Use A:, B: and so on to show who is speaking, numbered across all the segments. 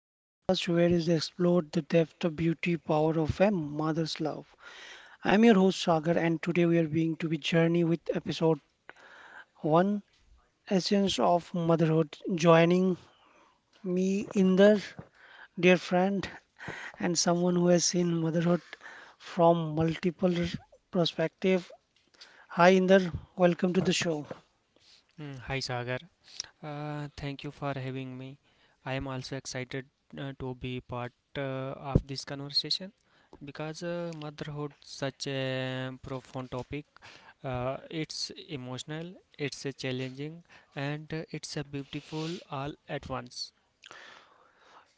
A: the podcast where is explored the depth of beauty power of a mother's love. I'm your host Sagar and today we are being to be journey with episode 1 Essence of Motherhood. Joining me Inder, dear friend and someone who has seen motherhood from multiple perspective. Hi Inder, welcome to the show.
B: Mm. Hi Sagar, thank you for having me. I am also excited to be part of this conversation because motherhood such a profound topic. It's emotional, it's a challenging, and it's a beautiful all at once.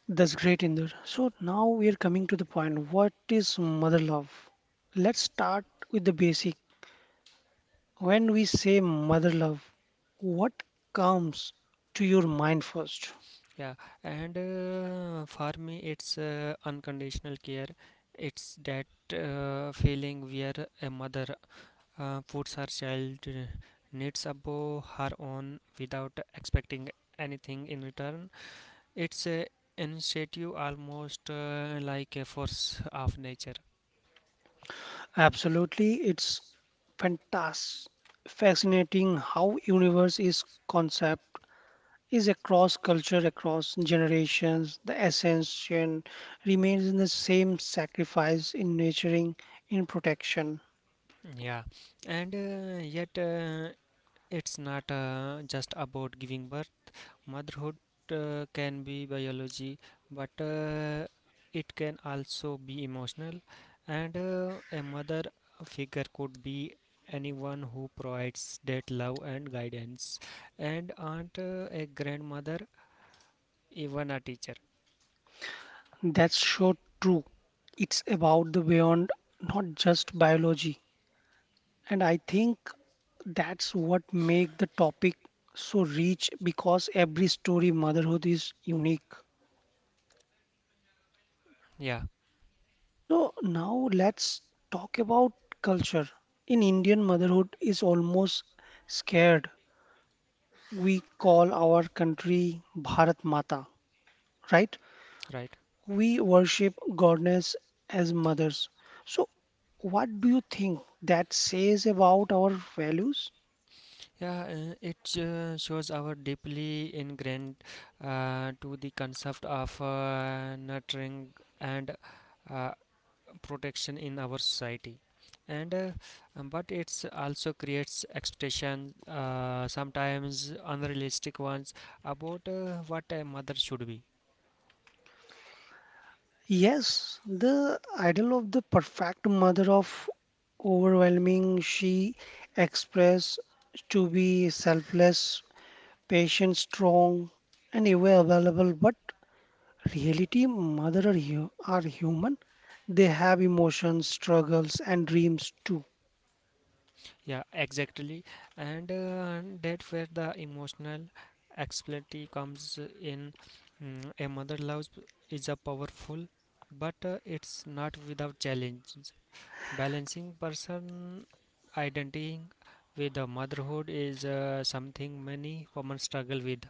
A: That's great, Inder. So now we are coming to the point. What is mother love? Let's start with the basic. When we say mother love, what comes to your mind first?
B: Yeah, and for me, it's unconditional care. It's that feeling where a mother puts her child needs above her own without expecting anything in return. It's a initiative almost like a force of nature.
A: Absolutely, it's fantastic, fascinating how universe is concept is across culture, across generations. The essence remains in the same sacrifice in nurturing, in protection.
B: Yeah, and yet it's not just about giving birth. Motherhood can be biology, but it can also be emotional. And a mother figure could be anyone who provides that love and guidance, and aunt, a grandmother, even a teacher.
A: That's so true. It's about the beyond, not just biology. And I think that's what makes the topic so rich because every story motherhood is unique.
B: Yeah,
A: So now let's talk about culture. In Indian motherhood is almost scared. We call our country Bharat Mata, right?
B: right.
A: We worship goddess as mothers. So, what do you think that says about our values?
B: Yeah, it shows our deeply ingrained to the concept of nurturing and uh, protection in our society, and but it's also creates expectations sometimes unrealistic ones about what a mother should be.
A: Yes, the idol of the perfect mother of overwhelming, she expressed to be selfless, patient, strong, and ever available. But reality, mother are, are human. They have emotions, struggles, and dreams too.
B: Yeah, exactly. And, and that where the emotional explainability comes in. A mother love is a powerful but it's not without challenges. Balancing person identity with the motherhood is something many women struggle with.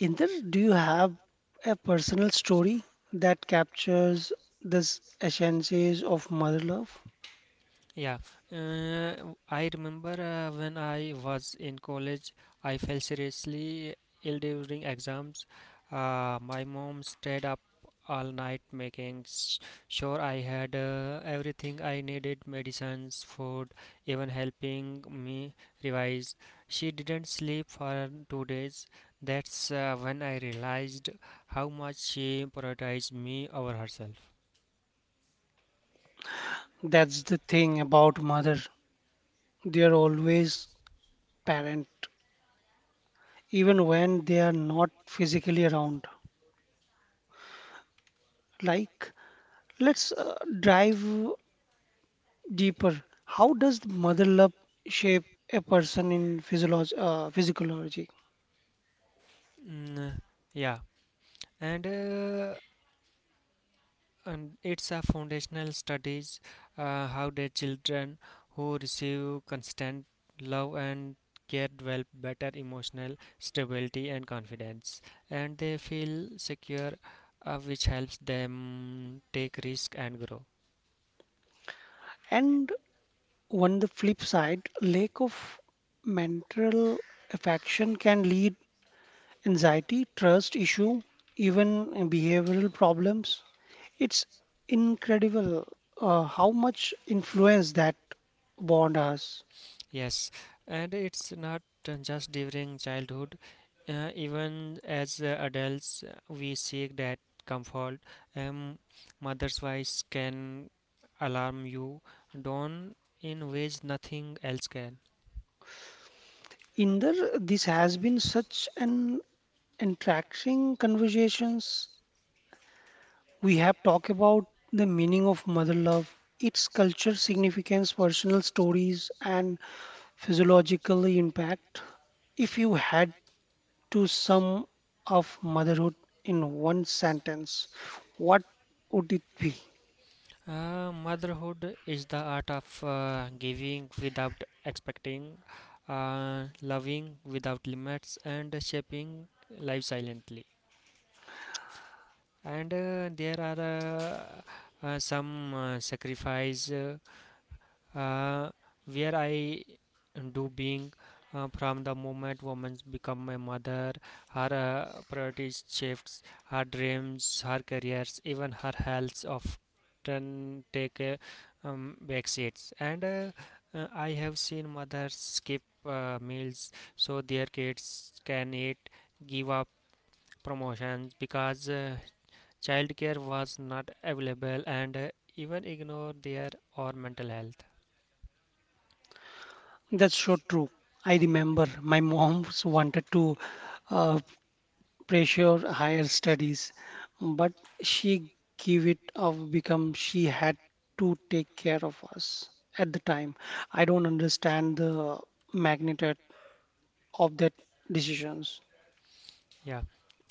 A: Inder, do you have a personal story that captures this essences of mother love?
B: Yeah, I remember when I was in college, I fell seriously ill during exams. My mom stayed up all night making sure I had everything I needed, medicines, food, even helping me revise. She didn't sleep for 2 days. That's when I realized how much she prioritized me over herself.
A: That's the thing about mother. They are always parent, even when they are not physically around. Like, let's dive deeper. How does the mother love shape a person in physiology?
B: Mm, yeah, and and it's a foundational studies how the children who receive constant love and care develop better emotional stability and confidence, and they feel secure which helps them take risk and grow.
A: And on the flip side, lack of mental affection can lead anxiety, trust issue, even behavioral problems. It's incredible how much influence that bond has.
B: Yes, and it's not just during childhood. Even as adults, we seek that comfort. Um, Mother's voice can alarm you, dawn in ways nothing else can.
A: Inder, this has been such an entrancing conversations. We have talked about the meaning of mother love, its culture significance, personal stories, and physiological impact. If you had to sum of motherhood in one sentence, what would it be?
B: Motherhood is the art of giving without expecting, loving without limits, and shaping life silently. And there are some sacrifice uh, where I do being from the moment women become a mother, her priorities shifts, her dreams, her careers, even her health often take a back seats. And I have seen mothers skip meals so their kids can eat, give up promotions because childcare was not available, and even ignore their or mental health.
A: That's so true. I remember my mom wanted to uh, pressure higher studies, but she gave it up because she had to take care of us at the time. I don't understand the magnitude of that decisions.
B: Yeah,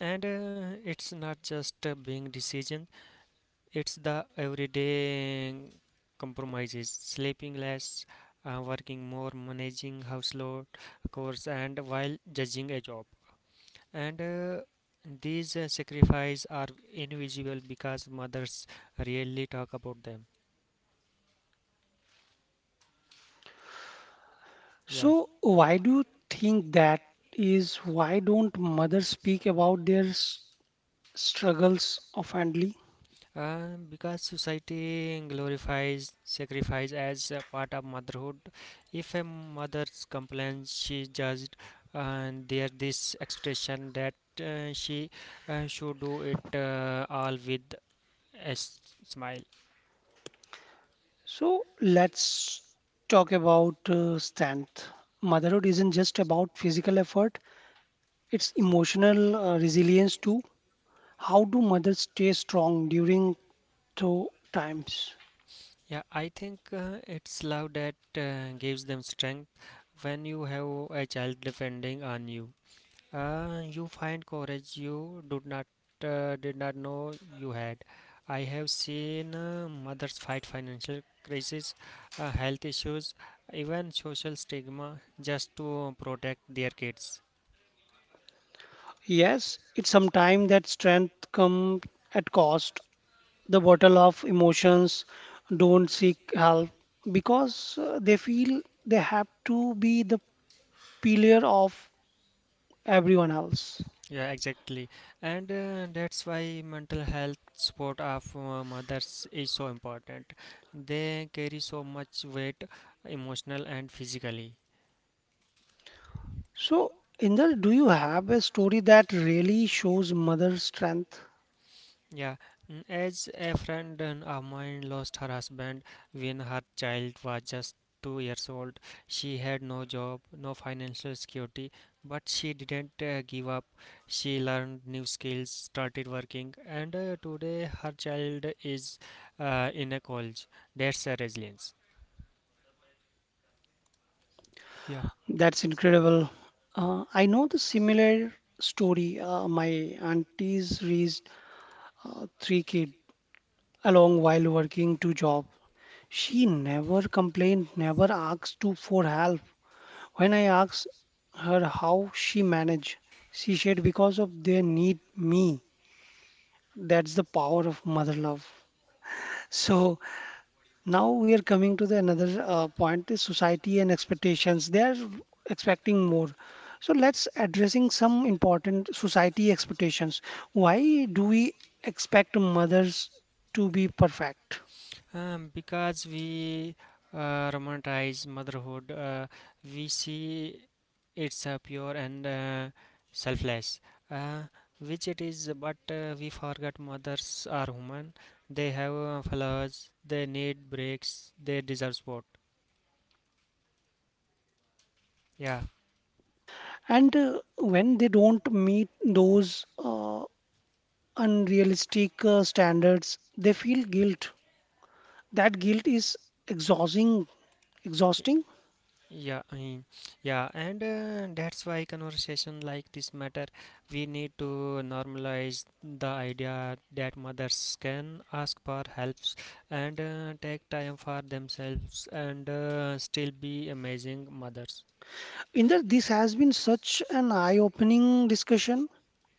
B: and it's not just a being decision, it's the everyday compromises, sleeping less, working more, managing household chores, and while judging a job, and these sacrifices are invisible because mothers rarely talk about them. Yeah.
A: So why do you think that is? Why don't mothers speak about their struggles of oftenly.
B: Because society glorifies sacrifice as a part of motherhood. If a mother complains, she is judged, and there's this expectation that she should do it all with a smile.
A: So let's talk about strength. Motherhood isn't just about physical effort, it's emotional resilience too. How do mothers stay strong during tough times?
B: Yeah, I think it's love that gives them strength when you have a child depending on you. You find courage you did not did not know you had. I have seen mothers fight financial crises, health issues, even social stigma just to protect their kids.
A: Yes, it's sometimes that strength comes at cost. The bottle of emotions don't seek help because they feel they have to be the pillar of everyone else.
B: Yeah, exactly. And that's why mental health support of mothers is so important. They carry so much weight, emotional and physically.
A: So, Inder, do you have a story that really shows mother strength?
B: Yeah, as a friend and a Amman lost her husband when her child was just 2 years old. She had no job, no financial security, but she didn't give up. She learned new skills, started working, and today her child is in a college. That's a resilience. Yeah.
A: That's incredible. I know the similar story. My aunties raised three kids along while working 2 jobs. She never complained, never asked to for help. When I asked her how she managed, she said because of their need me. That's the power of mother love. So now we are coming to the another point is society and expectations. They are expecting more. So let's addressing some important society expectations. Why do we expect mothers to be perfect?
B: Because we romanticize motherhood, we see it's pure and selfless, uh, which it is, but we forget mothers are human. They have flaws, they need breaks, they deserve support. Yeah,
A: And when they don't meet those unrealistic standards, they feel guilt. That guilt is exhausting. Exhausting.
B: yeah, yeah, and that's why conversation like this matter. We need to normalize the idea that mothers can ask for helps and take time for themselves and still be amazing mothers.
A: Inder, this has been such an eye-opening discussion.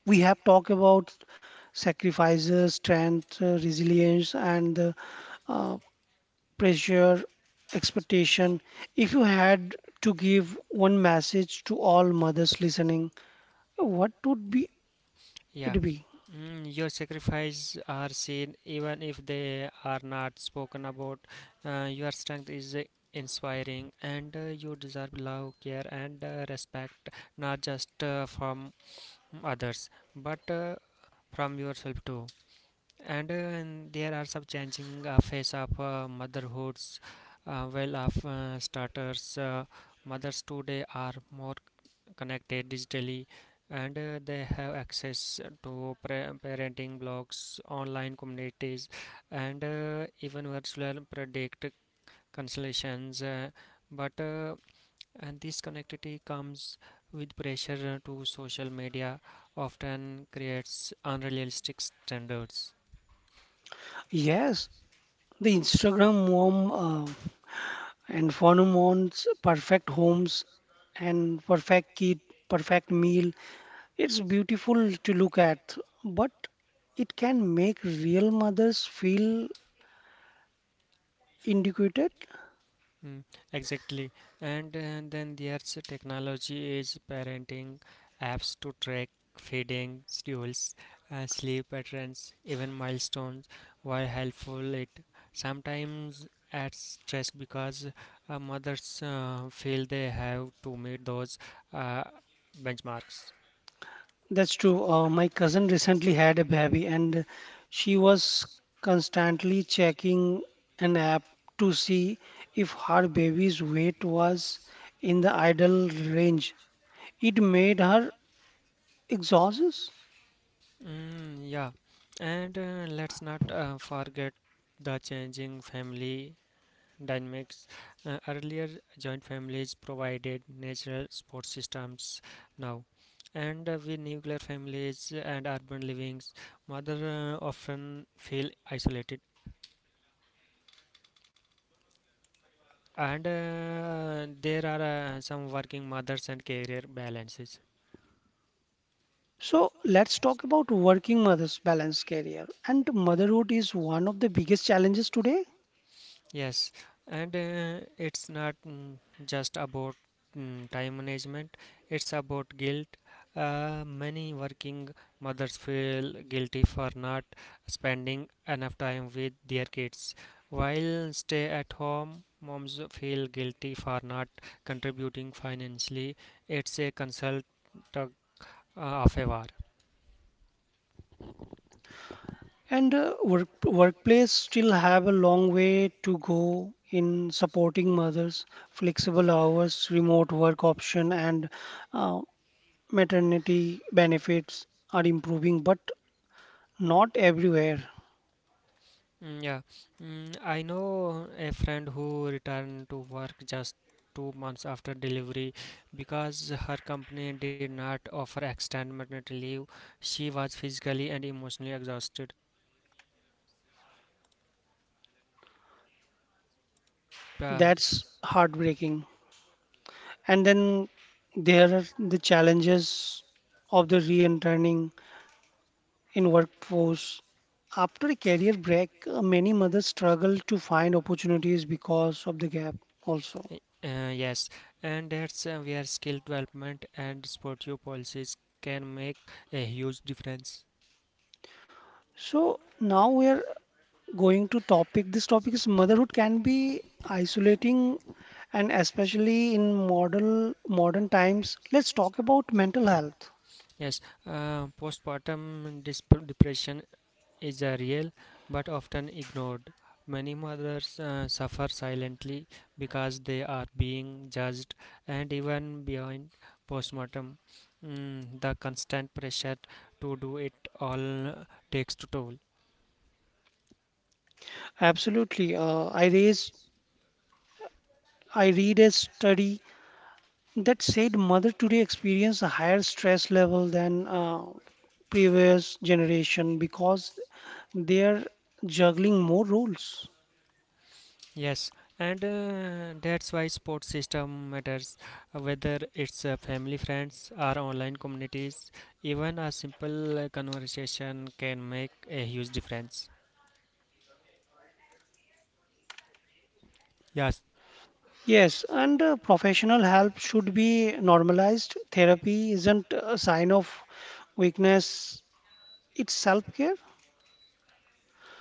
A: We have talked about sacrifices, strength, resilience, and uh, pressure, expectation. If you had to give one message to all mothers listening, what would be
B: Yeah,
A: it be?
B: your sacrifices are seen even if they are not spoken about. Your strength is inspiring and you deserve love, care, and respect, not just from others but from yourself too. And, and there are some changing face of motherhoods. Well of starters, mothers today are more connected digitally, and they have access to parenting blogs, online communities, and even virtual predict consultations, but and this connectivity comes with pressure, to social media often creates unrealistic standards.
A: Yes, the Instagram mom uh, and phenomons, perfect homes, and perfect kid, perfect meal. It's beautiful to look at, but it can make real mothers feel inadequate.
B: Mm, exactly. And then there's technology is parenting apps to track feeding schedules, sleep patterns, even milestones. While helpful, it sometimes adds stress because mothers feel they have to meet those uh, benchmarks.
A: That's true. My cousin recently had a baby and she was constantly checking an app to see if her baby's weight was in the ideal range. It made her exhausted.
B: Mm, yeah, and let's not forget the changing family dynamics. Earlier, joint families provided natural support systems now, and with nuclear families and urban livings, mother often feel isolated. And there are some working mothers and career balances.
A: So let's talk about working mothers balance career. And motherhood is one of the biggest challenges today.
B: Yes, and it's not just about time management, it's about guilt. Many working mothers feel guilty for not spending enough time with their kids, while stay at home moms feel guilty for not contributing financially. It's a consult tug of a war.
A: And workplace still have a long way to go in supporting mothers, flexible hours, remote work option, and uh, maternity benefits are improving, but not everywhere.
B: Mm, yeah, I know a friend who returned to work just 2 months after delivery because her company did not offer extended maternity leave. She was physically and emotionally exhausted. Uh,
A: That's heartbreaking. And then there are the challenges of the re-entering in workforce. After a career break, many mothers struggle to find opportunities because of the gap also.
B: yes, and that's where skill development and supportive policies can make a huge difference.
A: So now we are going to topic. This topic is motherhood can be isolating and especially in modern times. Let's talk about mental health.
B: Yes, postpartum depression is a real but often ignored. Many mothers suffer silently because they are being judged and even beyond postmortem. The constant pressure to do it all takes to toll.
A: Absolutely. Uh, I read a study that said mother today experience a higher stress level than previous generation because they are juggling more roles.
B: Yes, and that's why support system matters, whether it's family, friends, or online communities. Even a simple conversation can make a huge difference. Yes.
A: Yes, and professional help should be normalized. Therapy isn't a sign of weakness it's self-care.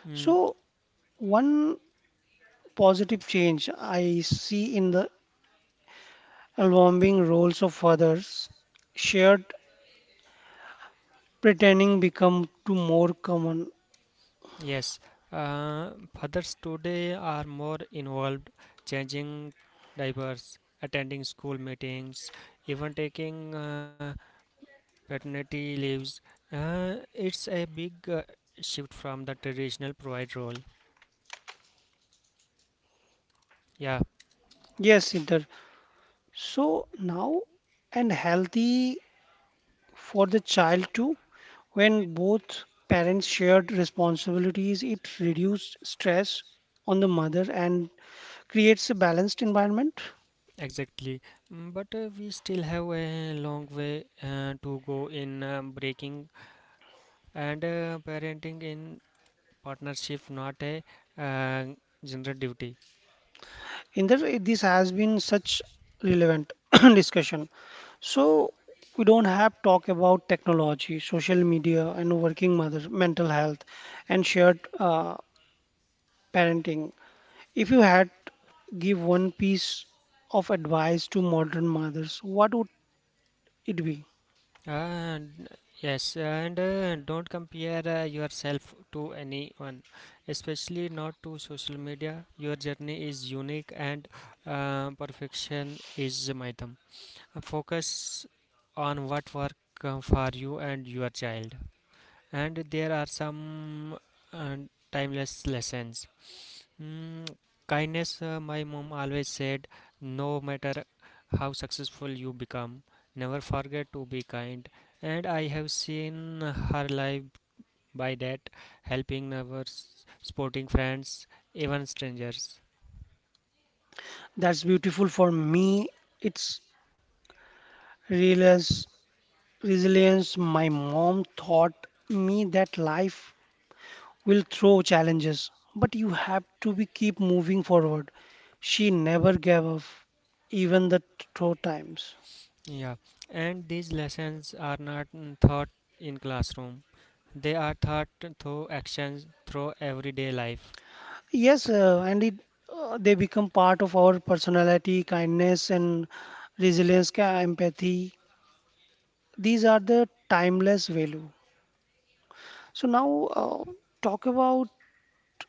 B: Mm,
A: So one positive change I see in the evolving roles of fathers, shared pretending become to more common.
B: yes, uh, fathers today are more involved, changing diapers, attending school meetings, even taking paternity leaves. It's a big shift from the traditional provide role. Yeah,
A: Yes, Siddhar. So now and healthy for the child too. When both parents shared responsibilities, it reduced stress on the mother and creates a balanced environment.
B: exactly. But we still have a long way to go in breaking and parenting in partnership, not a uh, general duty.
A: In this has been such relevant discussion. So we don't have talk about technology, social media, and working mothers, mental health, and shared parenting. If you had give one piece of advice to modern mothers, what would it be?
B: And yes, and don't compare yourself to anyone, especially not to social media. Your journey is unique, and perfection is a mythum. Focus on what work for you and your child. And there are some uh, timeless lessons. Mm, Kindness. My mom always said, no matter how successful you become, never forget to be kind. And I have seen her life by that, helping others, supporting friends, even strangers.
A: That's beautiful for me. It's resilience. Resilience. My mom taught me that life will throw challenges, but you have to be keep moving forward. She never gave up, even the tough times.
B: Yeah, and these lessons are not taught in classroom. They are taught through actions, through everyday life.
A: Yes, and it they become part of our personality, kindness and resilience, empathy. These are the timeless value. So now talk about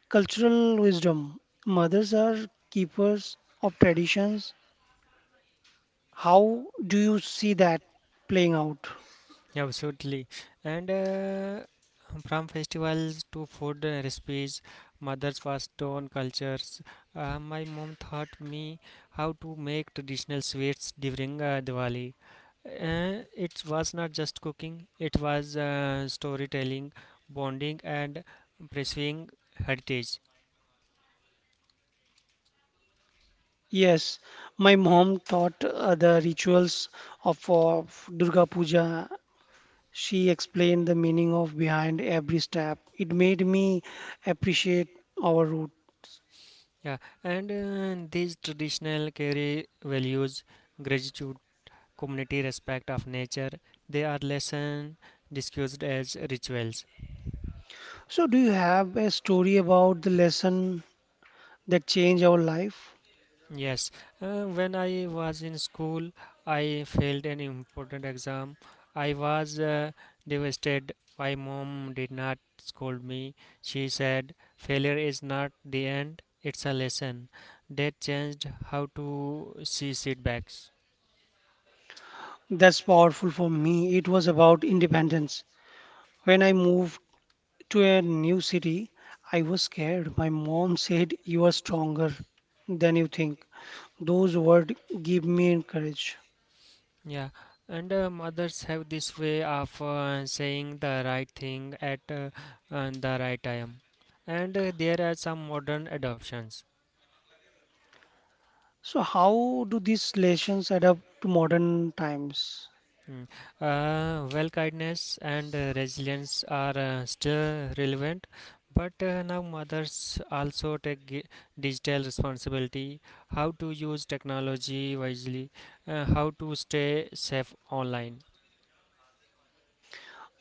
A: cultural wisdom. Mothers are keepers of traditions. How do you see that playing out?
B: Yeah, absolutely. And from festivals to food recipes, mothers passed on cultures. My mom taught me how to make traditional sweets during Diwali. It was not just cooking, it was storytelling, bonding, and pursuing heritage.
A: Yes, my mom taught the rituals of Durga Puja. She explained the meaning of behind every step. It made me appreciate our route.
B: Yeah, and these traditional carry values, gratitude, community, respect of nature, they are lesson discussed as rituals.
A: So, do you have a story about the lesson that changed our life?
B: Yes, when I was in school, I failed an important exam. I was devastated. My mom did not scold me. She said, failure is not the end, it's a lesson. That changed how to see setbacks.
A: That's powerful for me. It was about independence. When I moved to a new city, I was scared. My mom said, You are stronger than you think. Those words give me courage.
B: Yeah, and mothers have this way of saying the right thing at the right time. And there are some modern adoptions.
A: So, how do these lessons adapt to modern times?
B: Mm. Well, kindness and resilience are still relevant, but now mothers also take digital responsibility, how to use technology wisely, how to stay safe online.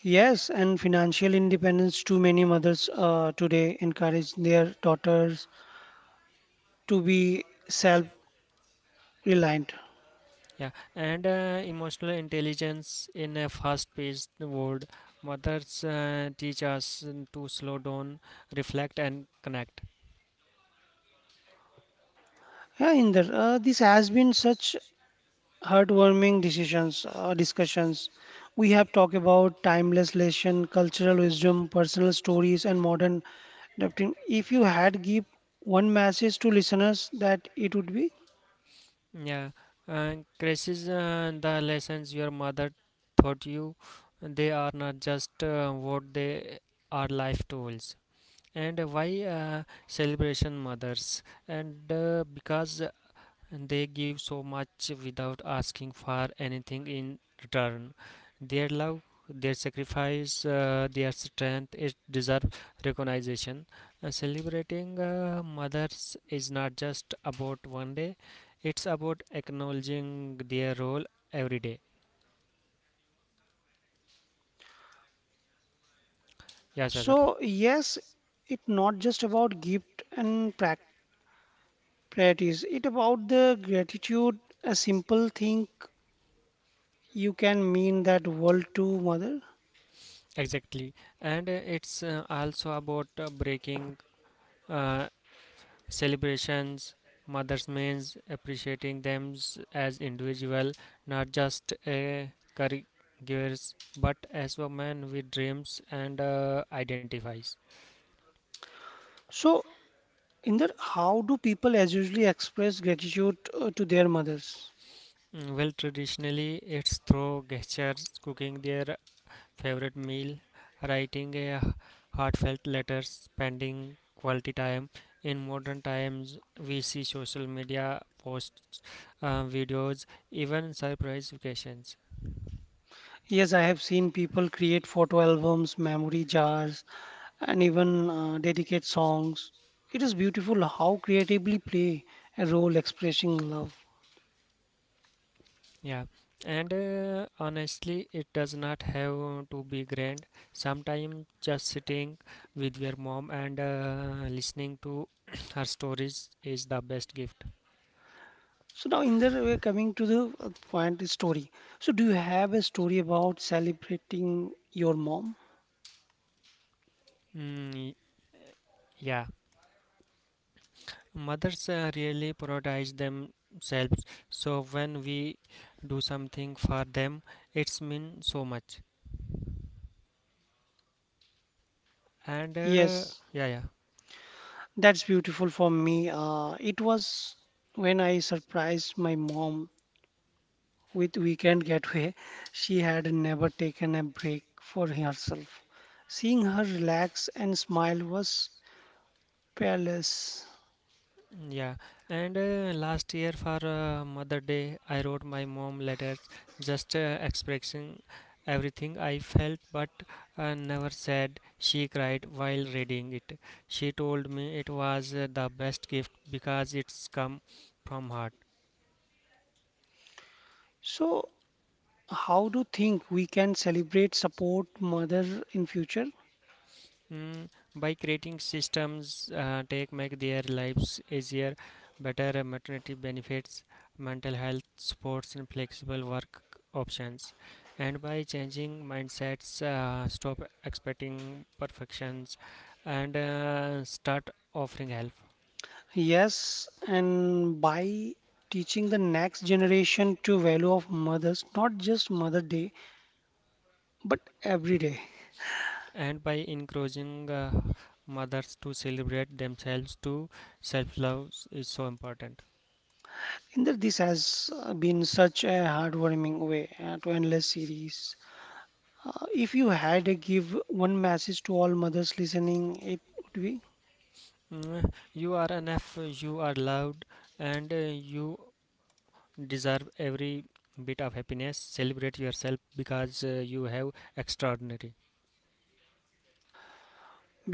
A: Yes, and financial independence too many mothers today encourage their daughters to be self-reliant.
B: Yeah, and emotional intelligence in a fast-paced world, mothers teach us to slow down, reflect, and connect.
A: Yeah, Inder, this has been such heartwarming discussions. We have talked about timeless lesson, cultural wisdom, personal stories, and modern adapting. If you had give one message to listeners, that it would be
B: Yeah, and crisis, the lessons your mother taught you, they are not just what they are life tools. And why celebration mothers? And because and they give so much without asking for anything in return. Their love, their sacrifice, their strength it deserves recognition. Celebrating mothers is not just about one day; it's about acknowledging their role every day. Yeah, Sagar.
A: so. Yes, it's not just about gift and practice. Priorities. It about the gratitude, a simple thing you can mean that world to mother.
B: Exactly, and it's also about breaking uh, celebrations mothers means appreciating them as individual, not just a caregivers but as women with dreams and identifies.
A: So, in that, how do people as usually express gratitude to their mothers?
B: Well, traditionally it's through gestures, cooking their favorite meal, writing a heartfelt letter, spending quality time. In modern times we see social media posts, videos, even surprise vacations.
A: Yes, I have seen people create photo albums, memory jars, and even dedicate songs. It is beautiful how creatively play a role expressing love.
B: Yeah, and honestly, it does not have to be grand. Sometimes just sitting with your mom and listening to her stories is the best gift.
A: So now, in there, we're coming to the point is story. So, do you have a story about celebrating your mom?
B: Mm, yeah, mothers really prioritize themselves, so when we do something for them, it's mean so much. And
A: Yes.
B: yeah, yeah.
A: That's beautiful for me. It was when I surprised my mom with weekend getaway. She had never taken a break for herself. Seeing her relax and smile was peerless.
B: Yeah, and last year for Mother Day, I wrote my mom letters just expressing everything I felt but never said. She cried while reading it. She told me it was the best gift because it's come from heart.
A: So, how do you think we can celebrate support mother in future?
B: Mm, by creating systems take make their lives easier, better maternity benefits, mental health supports, and flexible work options, and by changing mindsets, stop expecting perfections, and start offering help,
A: Yes, and by teaching the next generation to value of mothers, not just Mother Day, but every day.
B: and by encouraging mothers to celebrate themselves, to self love is so important.
A: Inder, this has been such a heartwarming way to endless series. If you had to give one message to all mothers listening, it would be
B: You are enough. You are loved, and you deserve every bit of happiness, celebrate yourself because you have extraordinary.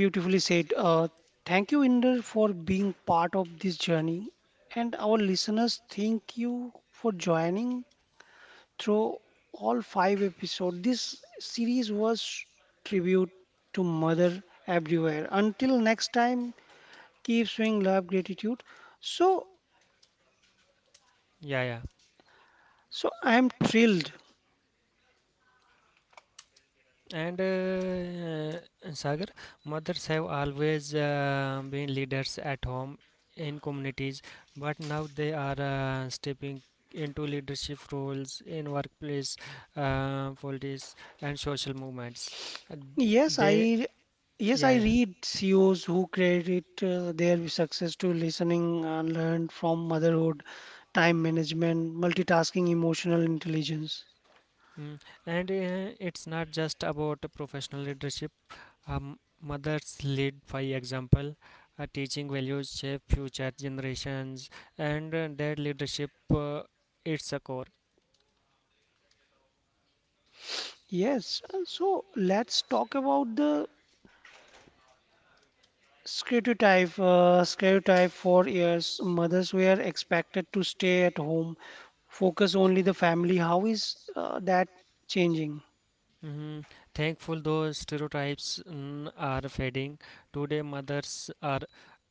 A: beautifully said. Thank you, Inder, for being part of this journey. And our listeners, thank you for joining through all 5 episodes. This series was tribute to mother everywhere. Until next time, keep showing love, gratitude. So,
B: Yeah, yeah,
A: so I am thrilled.
B: and Sagar, mothers have always been leaders at home, in communities, but now they are stepping into leadership roles in workplace, politics, and social movements. Uh,
A: Yes,
B: they
A: I yes
B: yeah,
A: I
B: yeah.
A: read CEOs who credit their success to listening and learned from motherhood, time management, multitasking, emotional intelligence.
B: Mm. And it's not just about professional leadership, mothers lead by example, teaching values shape future generations, and that leadership, it's a core.
A: Yes, so let's talk about the stereotype. Stereotype for years, mothers were expected to stay at home, focus only the family. How is that changing?
B: Mhm. Thankful those stereotypes are fading. Today, mothers are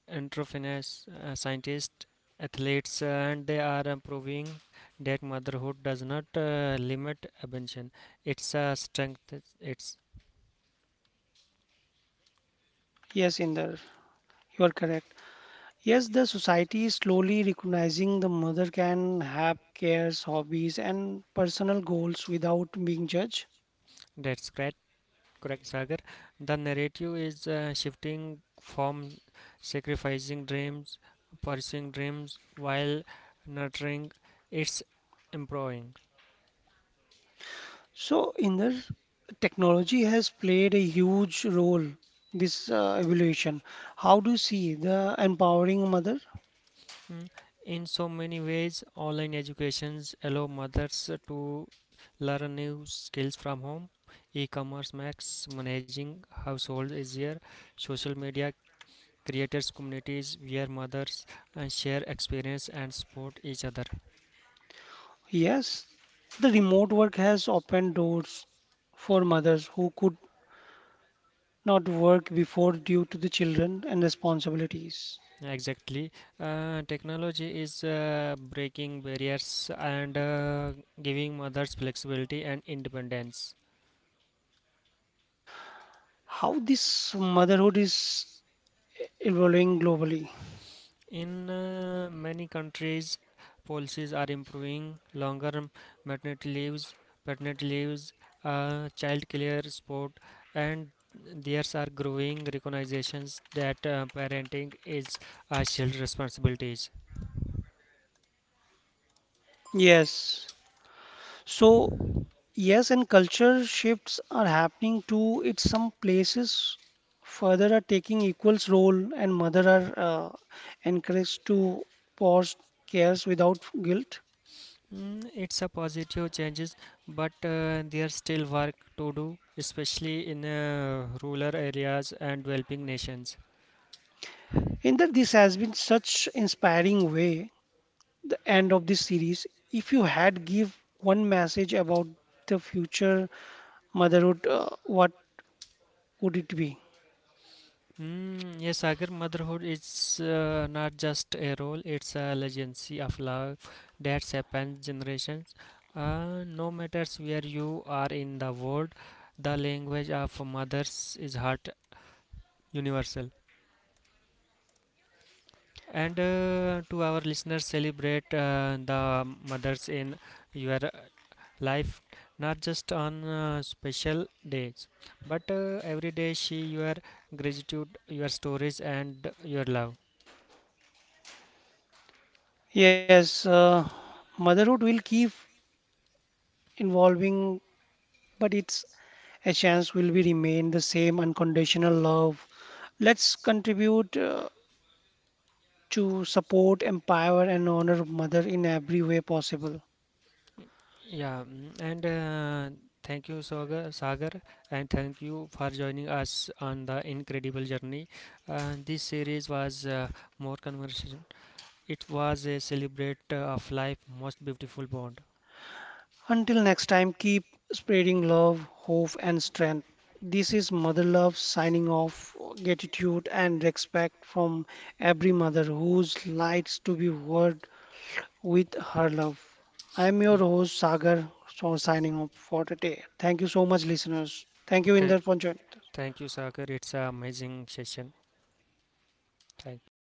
B: entrepreneurs, scientists, athletes, and they are proving that motherhood does not limit ambition. It's a strength. It's
A: Yes, Inder, you are correct. Yes, the society is slowly recognizing the mother can have cares, hobbies, and personal goals without being judged.
B: That's great. Correct, Sagar. The narrative is shifting from sacrificing dreams, pursuing dreams while nurturing its employing.
A: So, in the technology has played a huge role this evolution. How do you see the empowering mother?
B: Mm. In so many ways, online educations allow mothers to learn new skills from home. E-commerce makes managing household easier. Social media creators communities where mothers share experience and support each other.
A: Yes, the remote work has opened doors for mothers who could not work before due to the children and responsibilities.
B: Exactly. Technology is breaking barriers and giving mothers flexibility and independence.
A: How this motherhood is evolving globally?
B: In many countries, policies are improving, longer maternity leaves, paternity leaves, child care support, and theirs are growing recognitions that parenting is a shared responsibilities.
A: Yes. So, yes, and culture shifts are happening too. It's some places further are taking equals role and mother are encouraged to pause cares without guilt.
B: It's a positive changes, but there's still work to do, especially in rural areas and developing nations.
A: In that this has been such inspiring way, the end of this series. If you had give one message about the future motherhood, what would it be?
B: Yes, Sagar, motherhood is not just a role; it's a legacy of love that spans generations. No matters where you are in the world, the language of mothers is heart universal. And to our listeners, celebrate the mothers in your life, not just on special days, but every day. She your gratitude, your stories, and your love.
A: Yes, motherhood will keep evolving, but it's a chance will we remain the same unconditional love. Let's contribute to support, empower, and honor Mother in every way possible.
B: Yeah, mm, and thank you, Sagar, and thank you for joining us on the incredible journey. This series was more conversation. It was a celebrate of life, most beautiful bond.
A: Until next time, keep spreading love, hope, and strength. This is Mother Love signing off. Gratitude and respect from every mother whose lights to be word with her love. I am your
B: Ye-
A: host Sagar, so signing off for today. Thank you so much, listeners. Thank you,
B: Okay,
A: Inder, for joining.
B: thank you, Sagar. It's an amazing session. Thank you.